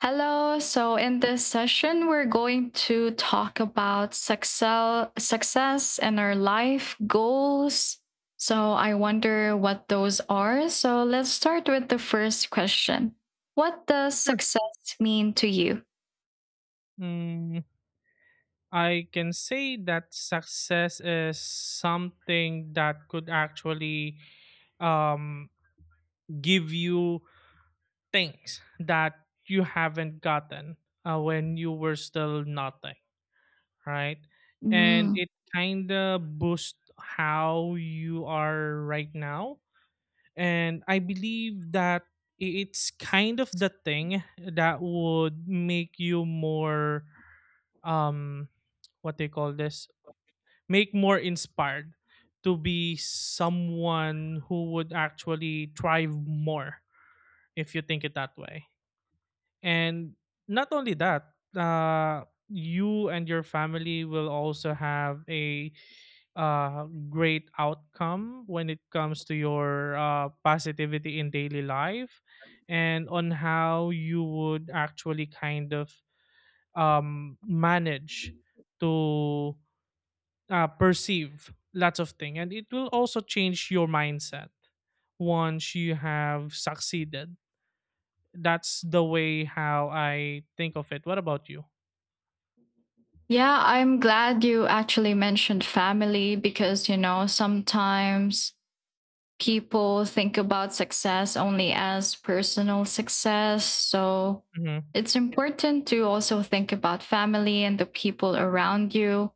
Hello. So, in this session, we're going to talk about success and our life goals. So, I wonder what those are. So, let's start with the first question. What does Sure. success mean to you? Mm, I can say that success is something that could actually um, give you things that you haven't gotten when you were still nothing, right? And Mm. it kind of boosts how you are right now. And I believe that it's kind of the thing that would make you more, um what they call this, make more inspired to be someone who would actually thrive more if you think it that way. And not only that, uh, you and your family will also have a great outcome when it comes to your positivity in daily life, and on how you would actually kind of manage to perceive lots of things, and it will also change your mindset once you have succeeded. That's the way how I think of it. What about you? Yeah, I'm glad you actually mentioned family because, you know, sometimes people think about success only as personal success. So Mm-hmm. it's important to also think about family and the people around you.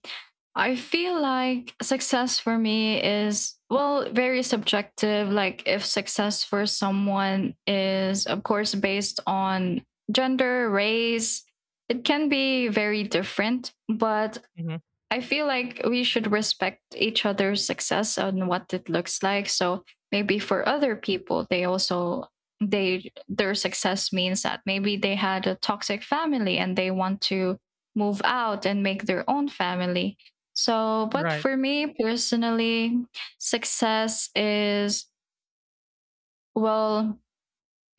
I feel like success for me is, well, very subjective. Like, if success for someone is, of course, based on gender, race, it can be very different. But Mm-hmm. I feel like we should respect each other's success and what it looks like. So maybe for other people, they also they their success means that maybe they had a toxic family and they want to move out and make their own family. So, but Right. for me personally, success is, well,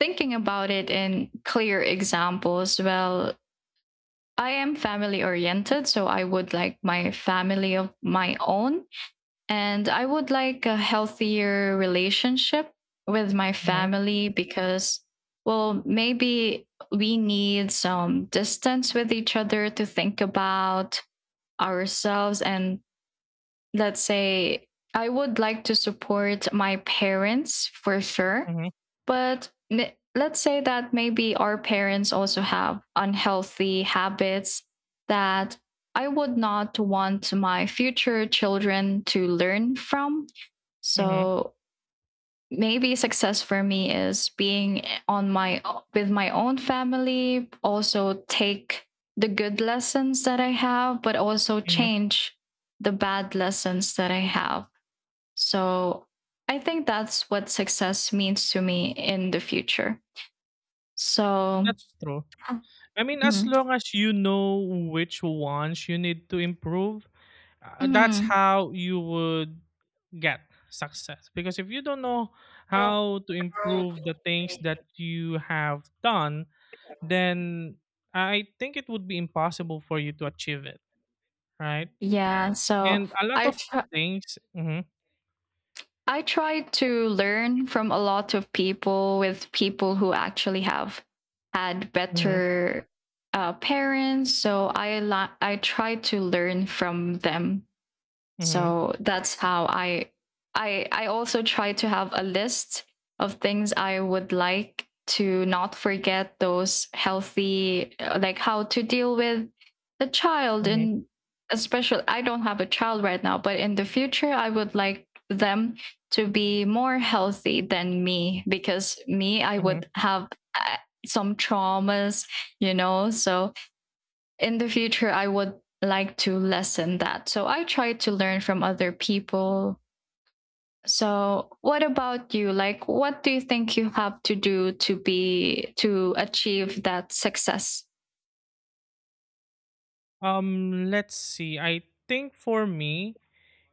thinking about it in clear examples. Well, I am family oriented, so I would like my family of my own and I would like a healthier relationship with my Mm-hmm. family because, well, maybe we need some distance with each other to think about ourselves. And let's say I would like to support my parents for sure, Mm-hmm. but let's say that maybe our parents also have unhealthy habits that I would not want my future children to learn from. Mm-hmm. So maybe success for me is being on my with my own family, also take the good lessons that I have but also Mm-hmm. change the bad lessons that I have. So I think that's what success means to me in the future. So, That's true. I mean, as mm, long as you know which ones you need to improve, that's mm, how you would get success. Because if you don't know how to improve the things that you have done, then I think it would be impossible for you to achieve it, right? yeah. So And a lot i of tr- things. Mhm. I try to learn from a lot of people, with people who actually have had Mhm. better parents. So I try to learn from them. Mhm. So that's how I also try to have a list of things I would like to not forget, those healthy like how to deal with the child. Mhm. And especially I don't have a child right now, but in the future I would like them to be more healthy than me because me, I Mhm. would have uh, some traumas, you know. So in the future I would like to lessen that, so I try to learn from other people. So what about you? Like, what do you think you have to do to be to achieve that success? Let's see. I think for me,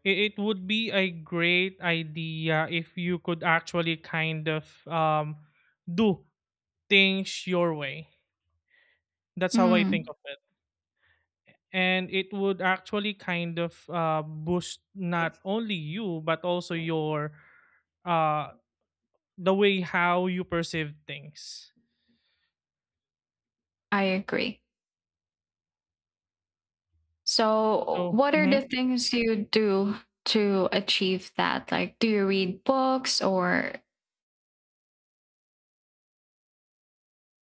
it would be a great idea if you could actually kind of do things your way. That's how I Mm, think of it. And it would actually kind of boost not only you, but also your uh, the way how you perceive things. I agree. So, So, what are mhm. the things you do to achieve that? Like, do you read books or?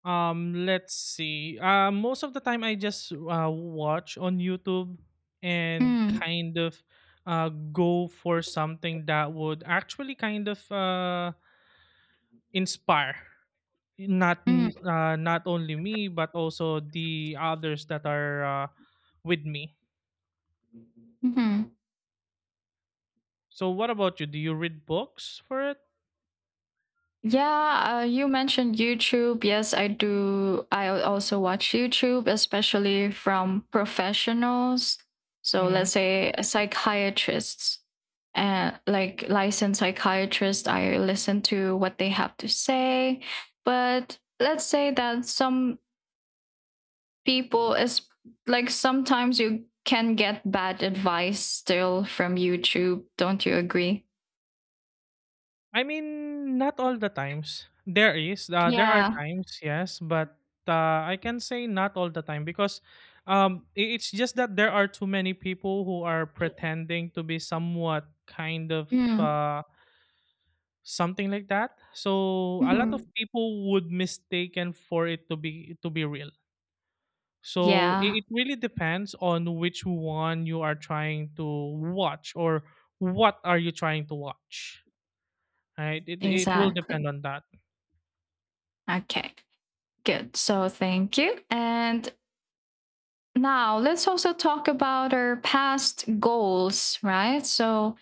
Let's see. Most of the time, I just watch on YouTube and Mm, kind of go for something that would actually kind of inspire, mm, not only me but also the others that are with me. hmm So, what about you? Do you read books for it? Yeah, you mentioned YouTube. Yes, I do. Also watch YouTube, especially from professionals. So, Mm-hmm. let's say psychiatrists, and like licensed psychiatrists, I listen to what they have to say. But let's say that some people is like sometimes you can get bad advice still from YouTube. Don't you agree? I mean, not all the times. There are Yeah. times, yes, but I can say not all the time, because it's just that there are too many people who are pretending to be somewhat kind of Mm. uh, something like that. So a lot of hmm people would mistaken for it to be real. So Yeah, it really depends on which one you are trying to watch or what are you trying to watch. Right? It will depend exactly. on that. Okay, good. So thank you. And now let's also talk about our past goals, right? So,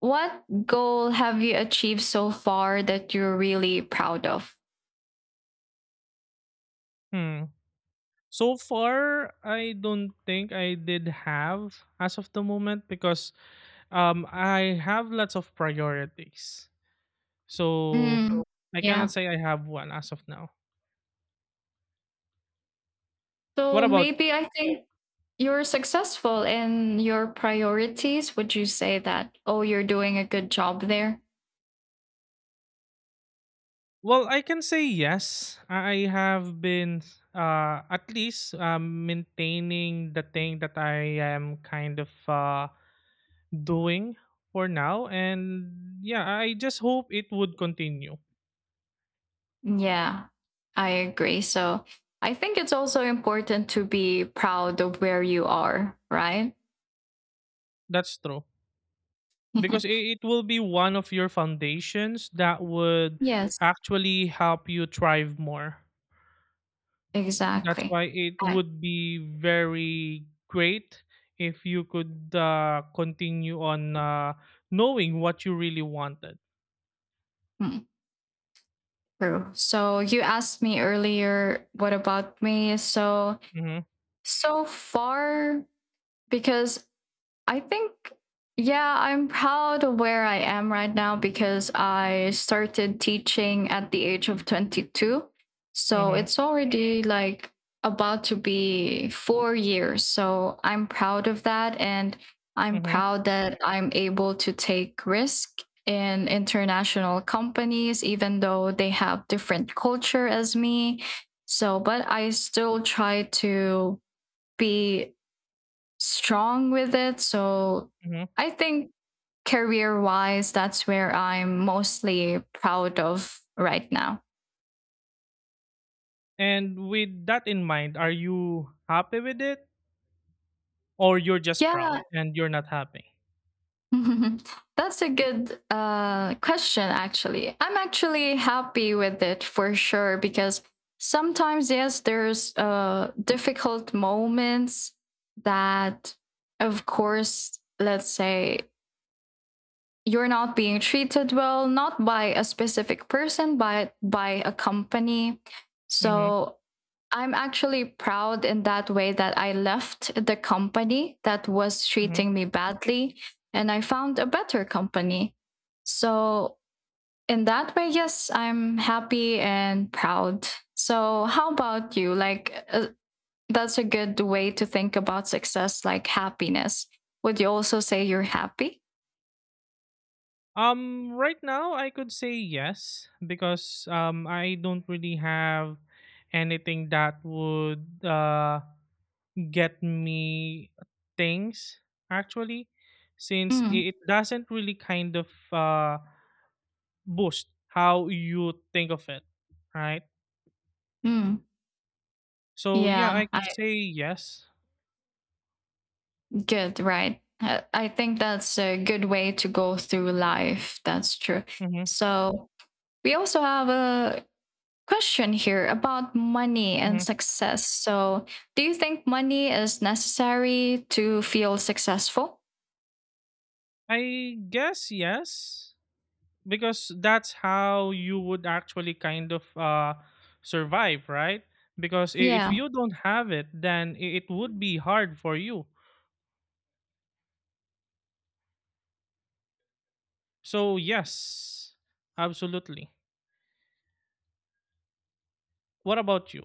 what goal have you achieved so far that you're really proud of? Hmm. So far, I don't think I did have as of the moment, because I have lots of priorities. So Mm, I cannot yeah. say I have one as of now. What So, about maybe you? I think you're successful in your priorities, would you say that, oh, you're doing a good job there? Well, I can say yes. I have been at least maintaining the thing that I am kind of doing for now. And yeah, I just hope it would continue. Yeah, I agree. So I think it's also important to be proud of where you are, right? That's true. Because it, it will be one of your foundations that would Yes, actually help you thrive more. That's exactly. why it I, would be very great if you could continue on, knowing what you really wanted. mm, true. So you asked me earlier, what about me? So, Hmm. so far, because I think, yeah, I'm proud of where I am right now because I started teaching at the age of 22. So Hmm. it's already like about to be 4 years. So I'm proud of that. And I'm Hmm. proud that I'm able to take risk in international companies, even though they have different culture as me. So, but I still try to be strong with it. So Hmm. I think career wise, that's where I'm mostly proud of right now. And with that in mind, are you happy with it, or you're just Yeah, proud and you're not happy? that's a good question, actually. I'm actually happy with it for sure because sometimes, yes, there's difficult moments that, of course, let's say you're not being treated well, not by a specific person but by a company. Hmm. So I'm actually proud in that way that I left the company that was Hmm. treating me badly and I found a better company. So in that way, yes, I'm happy and proud. So how about you? Like, that's a good way to think about success, like happiness. Would you also say you're happy? Right now I could say yes, because I don't really have anything that would get me things, actually, since Mm, it doesn't really kind of boost how you think of it, right? mm. So yeah, Yeah, I I, could say yes. good, right? I think that's a good way to go through life. That's true. Hmm. So we also have a question here about money and Hmm. success. So, do you think money is necessary to feel successful? I guess yes, because that's how you would actually kind of survive, right? Because if Yeah, you don't have it, then it would be hard for you. So yes, absolutely. What about you?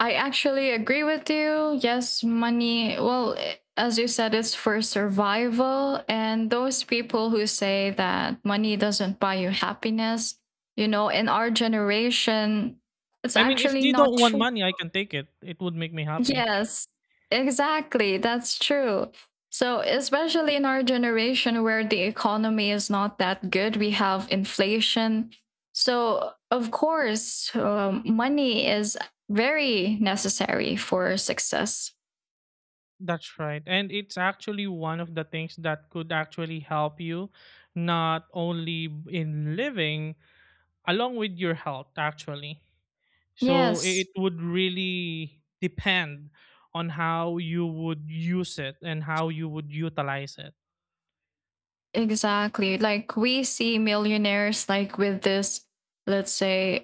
I actually agree with you. Yes, money, well, as you said, it's for survival. And those people who say that money doesn't buy you happiness, you know, in our generation, it's I mean, if actually they not don't want true. money, I can take it. It would make me happy. Yes, exactly. That's true. So, especially in our generation where the economy is not that good, we have inflation. So, of course, money is very necessary for success. That's right. And it's actually one of the things that could actually help you, not only in living, along with your health, actually. So Yes, it would really depend on how you would use it and how you would utilize it. exactly. Like we see millionaires like with this, let's say,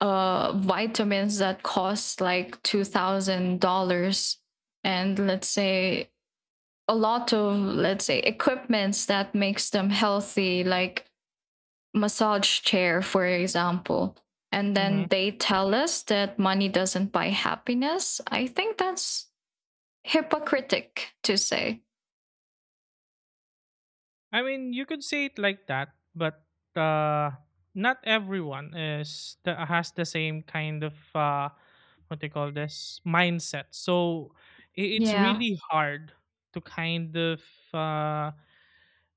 vitamins that cost like $2,000, and let's say a lot of, let's say, equipments that makes them healthy, like massage chair for example, and then Mhm. they tell us that money doesn't buy happiness. I think that's hypocritical to say. I mean, you could say it like that, but uh, not everyone has the same kind of, what they call this, mindset. So it's Yeah. really hard to kind of, uh,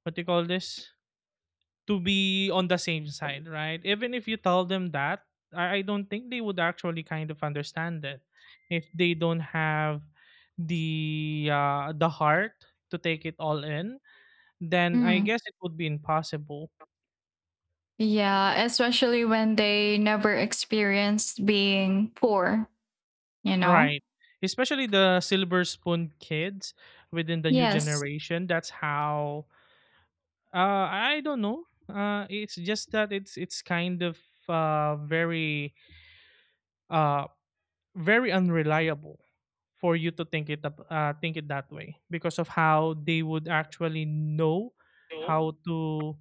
what they call this, to be on the same side, right? Even if you tell them that, I don't think they would actually kind of understand it. If they don't have the heart to take it all in, then I Mm. guess it would be impossible. Yeah, especially when they never experienced being poor, you know. Right. Especially the silver spoon kids within the new Yes. generation. That's how, I don't know. It's just that it's kind of very uh very unreliable for you to think it that way, because of how they would actually know how to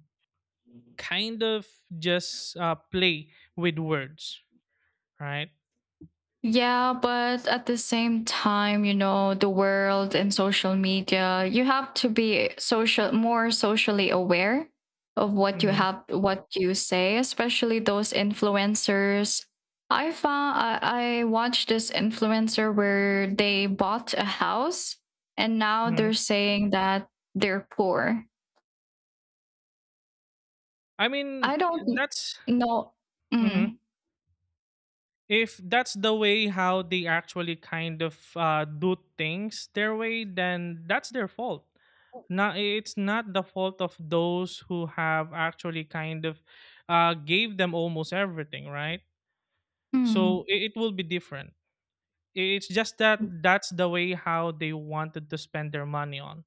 kind of just play with words, right? Yeah, but at the same time, you know, the world and social media, you have to be social, more socially aware of what you Mhm. have, what you say, especially those influencers. I found, I watched this influencer where they bought a house and now they're Mhm. saying that they're poor. I I mean, don't that's know. hmm Mm, If that's the way how they actually kind of do things their way, then that's their fault. Not, it's not the fault of those who have actually kind of gave them almost everything, right? So mm. it will be different. It's just that that's the way how they wanted to spend their money on.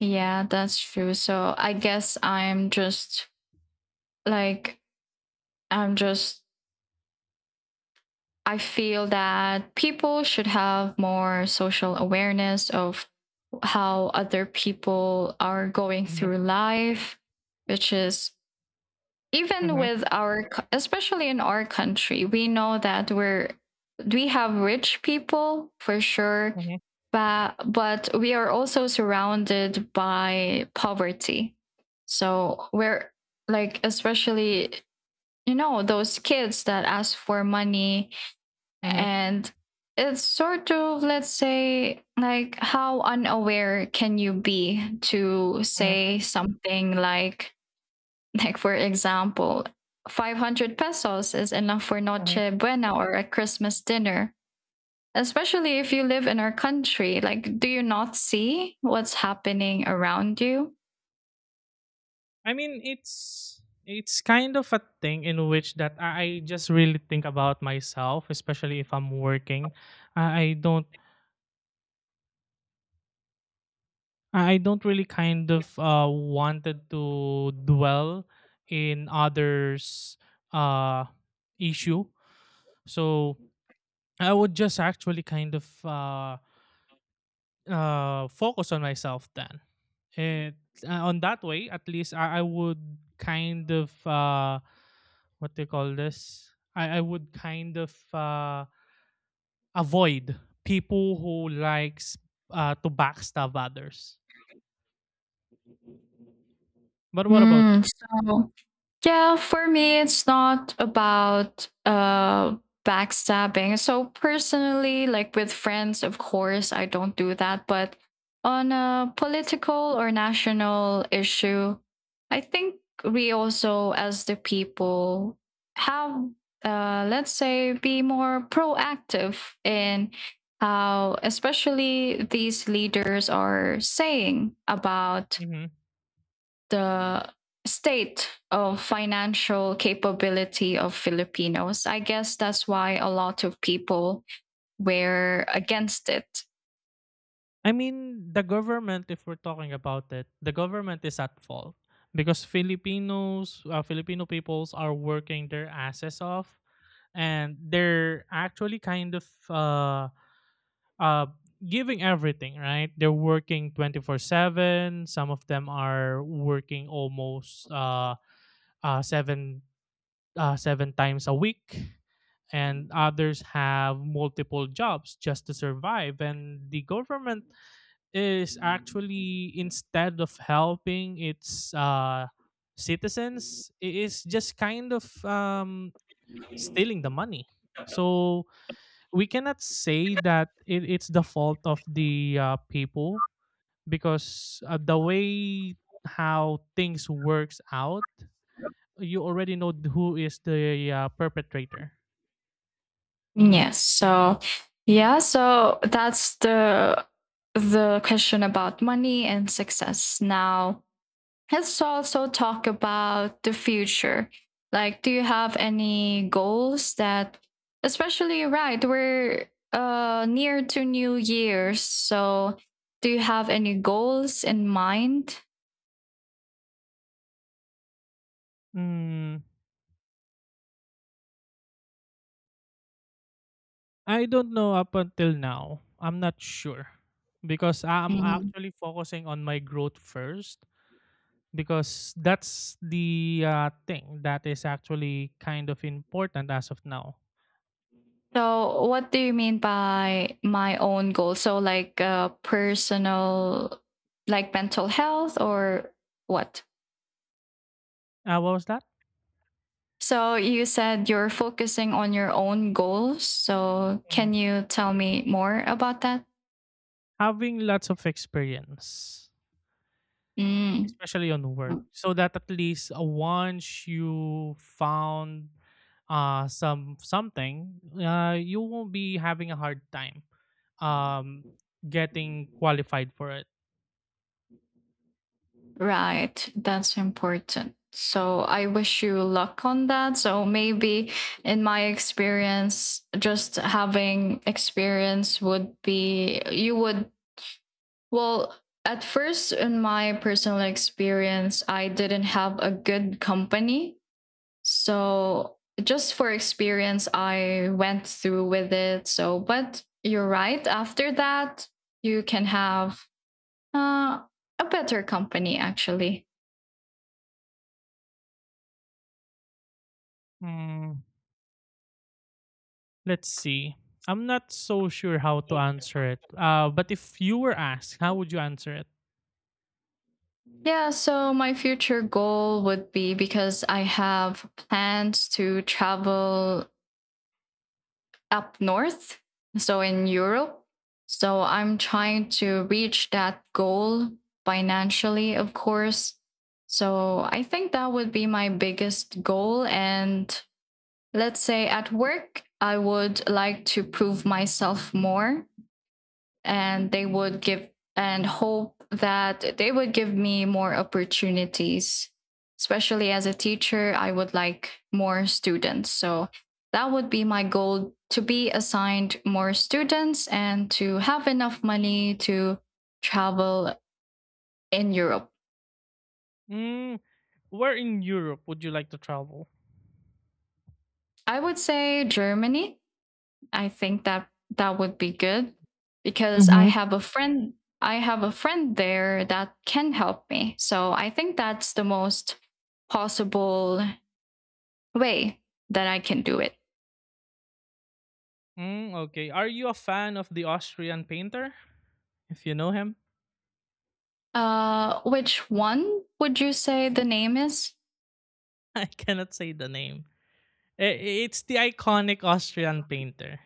Yeah, that's true. So I guess I'm just like, I'm just, I feel that people should have more social awareness of how other people are going Mhm. through life, which is even Mhm. with our, especially in our country, we know that we're, we have rich people for sure, Mhm. But we are also surrounded by poverty. So we're like, especially, you know, those kids that ask for money Mhm. and it's sort of, let's say, like how unaware can you be to Mhm. say something like like for example 500 pesos is enough for noche Mhm. buena or a Christmas dinner, especially if you live in our country. Like, do you not see what's happening around you? I mean, it's kind of a thing in which that I just really think about myself, especially if I'm working. I I don't I don't really kind of wanted to dwell in others' uh issue. So I would just actually kind of focus on myself then. And on that way, at least I would kind of, what do you call this? I would kind of avoid people who likes to backstab others. But what about Mm, you? so yeah, for me, it's not about backstabbing. So, personally, like with friends, of course, I don't do that. But on a political or national issue, I think we also, as the people, have, let's say, be more proactive in how, especially these leaders are saying about Mhm. the state of financial capability of Filipinos. I guess that's why a lot of people were against it. I mean, the government, if we're talking about it, the government is at fault, because Filipino peoples are working their asses off, and they're actually kind of uh, giving everything, right? They're working 24/7. Some of them are working almost uh, seven, seven times a week. And others have multiple jobs just to survive. And the government is, actually, instead of helping its citizens, it is just kind of stealing the money. So we cannot say that it's the fault of the people, because the way how things works out, you already know who is the perpetrator. Yes. So yeah, so that's the question about money and success. Now let's also talk about the future. Like, do you have any goals that, especially right, we're near to New Year's. So, do you have any goals in mind? Mm, I don't know up until now. I'm not sure, because I'm Mhm. actually focusing on my growth first, because that's the thing that is actually kind of important as of now. So, what do you mean by my own goal? So, like personal, like mental health or what? What was that? So, you said you're focusing on your own goals. So, can Mhm. you tell me more about that? Having lots of experience, Mm, especially on work, so that at least, once you found something, you won't be having a hard time um, getting qualified for it. right. That's important. So I wish you luck on that. So maybe in my experience, just having experience would be, you would, well, at first, in my personal experience, I didn't have a good company. So just for experience, I went through with it. So, but you're right. After that, you can have, Uh, a better company, actually. Hmm, let's see. I'm not so sure how to answer it. But if you were asked, how would you answer it? Yeah, so my future goal would be because I have plans to travel up north, so in Europe. So I'm trying to reach that goal financially, of course. So I think that would be my biggest goal. And let's say at work, I would like to prove myself more and they would give, and hope that they would give me more opportunities. Especially as a teacher, I would like more students. So that would be my goal, to be assigned more students and to have enough money to travel in Europe. Mm, where in Europe would you like to travel? I would say Germany. I think that that would be good because I Hmm. have a friend, I have a friend there that can help me. So I think that's the most possible way that I can do it. Mm, okay. Are you a fan of the Austrian painter? If you know him, Which one would you say the name is? I cannot say the name. It's the iconic Austrian painter.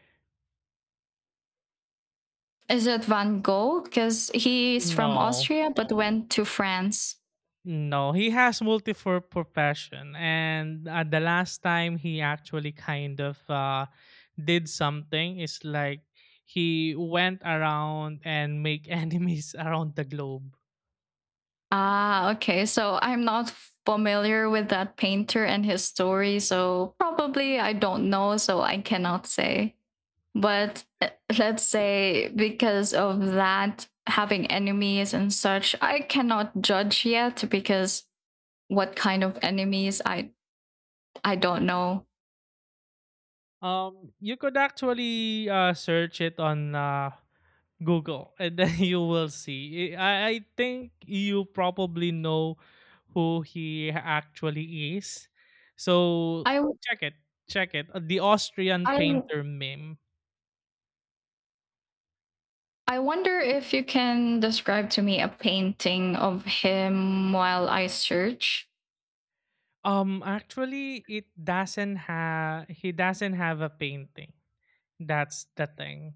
Is it Van Gogh? Because he is from No. Austria but went to France. No, he has multiple profession, and the last time he actually kind of did something is like he went around and make enemies around the globe. Ah, okay. So I'm not familiar with that painter and his story. So probably I don't know. So I cannot say. But let's say because of that, having enemies and such, I cannot judge yet because what kind of enemies, I don't know. You could actually search it on, Google, and then you will see. I think you probably know who he actually is. So I check it, check it. The Austrian I painter meme. I wonder if you can describe to me a painting of him while I search. Actually, it doesn't have. He doesn't have a painting. That's the thing.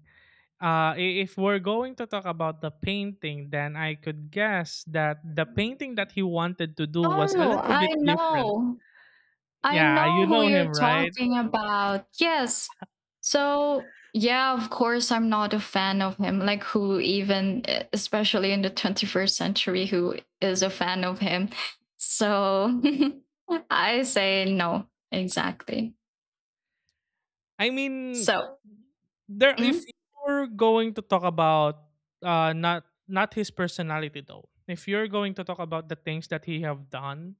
If we're going to talk about the painting, then I could guess that the painting that he wanted to do was a Oh, little I bit different. know. I Yeah, know you who know you're him, right? talking about. Yes. So, yeah, of course, I'm not a fan of him. Like, who even, especially in the 21st century, who is a fan of him? So, I say no, exactly. I mean, So, there if mm? you're going to talk about, not his personality though. If you're going to talk about the things that he have done,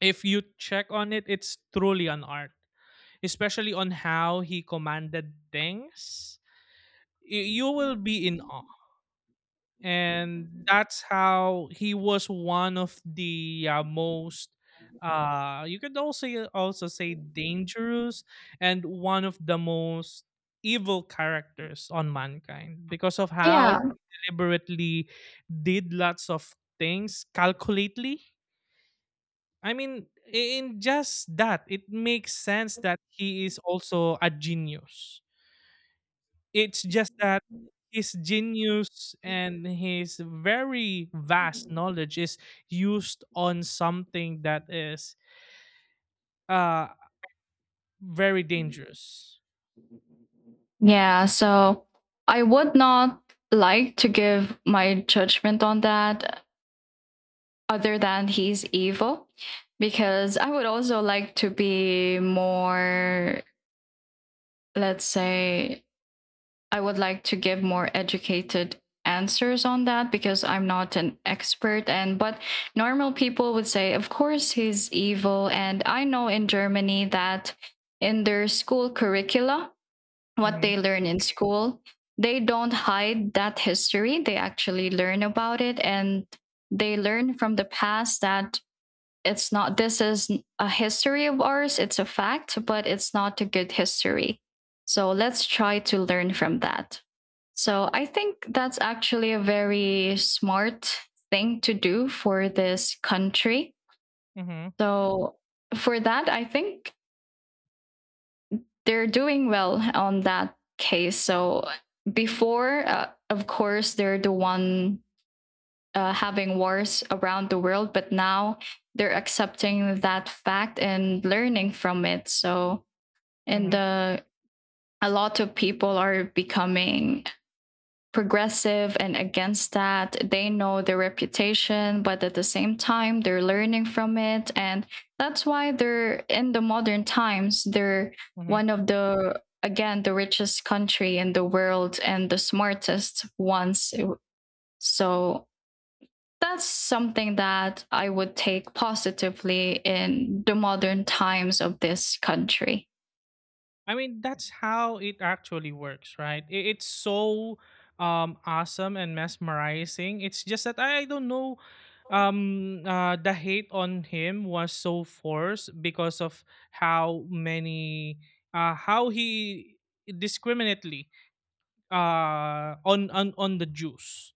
if you check on it, it's truly an art, especially on how he commanded things. You will be in awe, and that's how he was one of the most, you could also say, dangerous, and one of the most evil characters on mankind because of how deliberately did lots of things calculately. I mean, in just that, it makes sense that he is also a genius. It's just that his genius and his very vast knowledge is used on something that is uh very dangerous. Yeah, so I would not like to give my judgment on that other than he's evil, because I would also like to be more, let's say, I would like to give more educated answers on that because I'm not an expert, and but normal people would say, of course he's evil, and I know in Germany that in their school curricula, what Mm-hmm. they learn in school. They don't hide that history. They actually learn about it, and they learn from the past that it's not, this is a history of ours. It's a fact, but it's not a good history. So let's try to learn from that. So I think that's actually a very smart thing to do for this country. Mm-hmm. So for that, I think they're doing well on that case. So before, of course, they're the one having wars around the world, but now they're accepting that fact and learning from it. So, and Mm-hmm. the a lot of people are becoming progressive and against that. They know their reputation, but at the same time, they're learning from it. And that's why they're in the modern times, they're Mm-hmm. one of the, again, the richest country in the world and the smartest ones. So that's something that I would take positively in the modern times of this country. I mean, that's how it actually works, right? It's so awesome and mesmerizing. It's just that I don't know. The hate on him was so forced because of, how many, how he discriminately, on the Jews,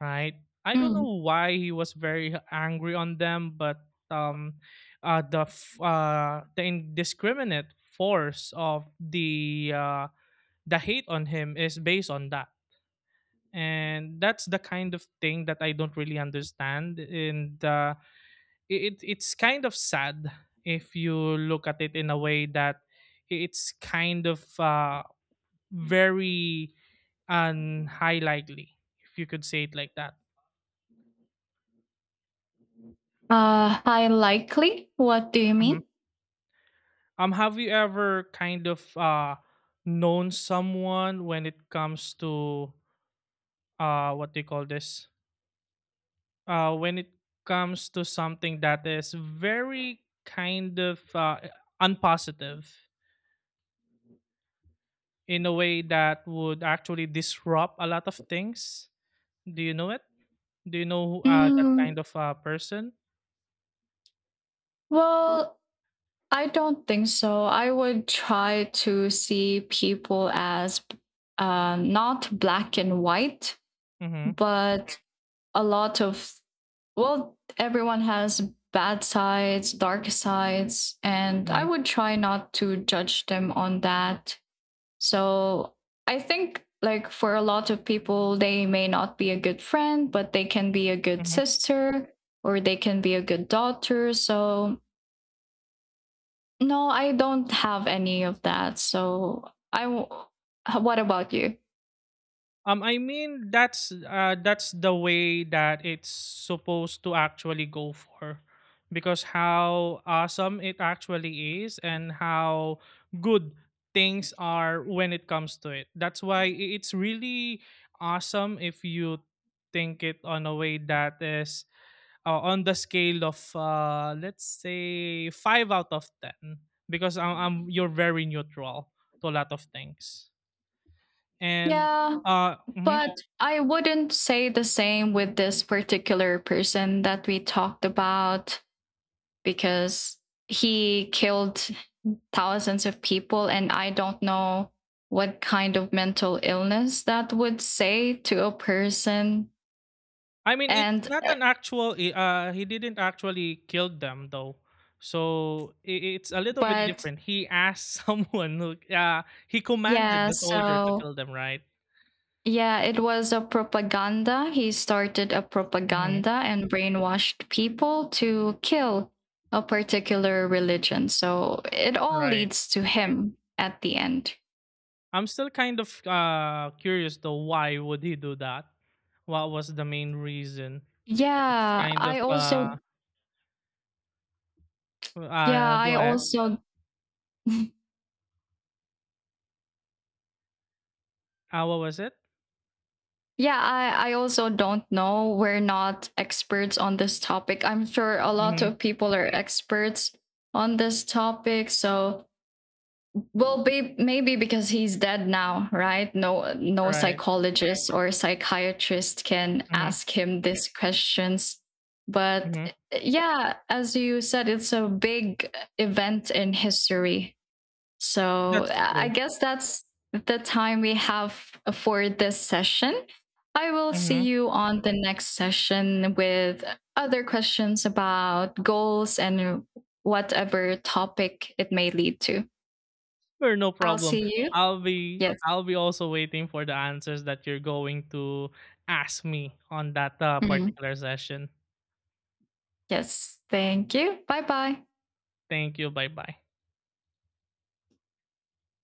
right? I don't Mm. know why he was very angry on them, but um, the indiscriminate force of the hate on him is based on that, and that's the kind of thing that I don't really understand, and it's kind of sad if you look at it in a way that it's kind of very unhighlightly, if you could say it like that. High likely? What do you Mm-hmm. mean? Have you ever kind of known someone when it comes to, what do you call this? When it comes to something that is very kind of unpositive in a way that would actually disrupt a lot of things. Do you know it? Do you know who, that Mm, kind of person? well, I don't think so. I would try to see people as not black and white, Mm-hmm. but a lot of, well, everyone has bad sides, dark sides, and I Mm-hmm. would try not to judge them on that. So I think, like, for a lot of people, they may not be a good friend, but they can be a good Mm-hmm. sister, or they can be a good daughter. So no, I don't have any of that. So I. w- What about you? I mean, that's the way that it's supposed to actually go for, because how awesome it actually is and how good things are when it comes to it. That's why it's really awesome if you think it on a way that is, on the scale of, let's say, 5 out of 10, because I'm you're very neutral to a lot of things, and Yeah, mhm. but I wouldn't say the same with this particular person that we talked about, because he killed thousands of people, and I don't know what kind of mental illness that would say to a person. I mean, it's And, not an actual. He didn't actually kill them though, so it's a little bit but different. He asked someone who, he commanded yeah, the soldier to so kill them, right? Yeah, it was a propaganda. He started a Hmm. propaganda and brainwashed people to kill a particular religion. So it all Right. leads to him at the end. I'm still kind of curious though. Why would he do that? What was the main reason? It's Yeah, kind of I also, yeah, I Go ahead. also, What was it? yeah, I also don't know. We're not experts on this topic. I'm sure a lot Mm-hmm. of people are experts on this topic. So Well, maybe because he's dead now, right? No, no Right. psychologist or psychiatrist can Mm-hmm. ask him these questions. But Mm-hmm. yeah, as you said, it's a big event in history. So That's I true. guess that's the time we have for this session. I will see Mm-hmm. you on the next session with other questions about goals and whatever topic it may lead to. Sure, no I'll problem. see you. I'll be Yes. I'll be also waiting for the answers that you're going to ask me on that Mhm. particular session. Yes. Thank you. Bye bye. Thank you. Bye bye.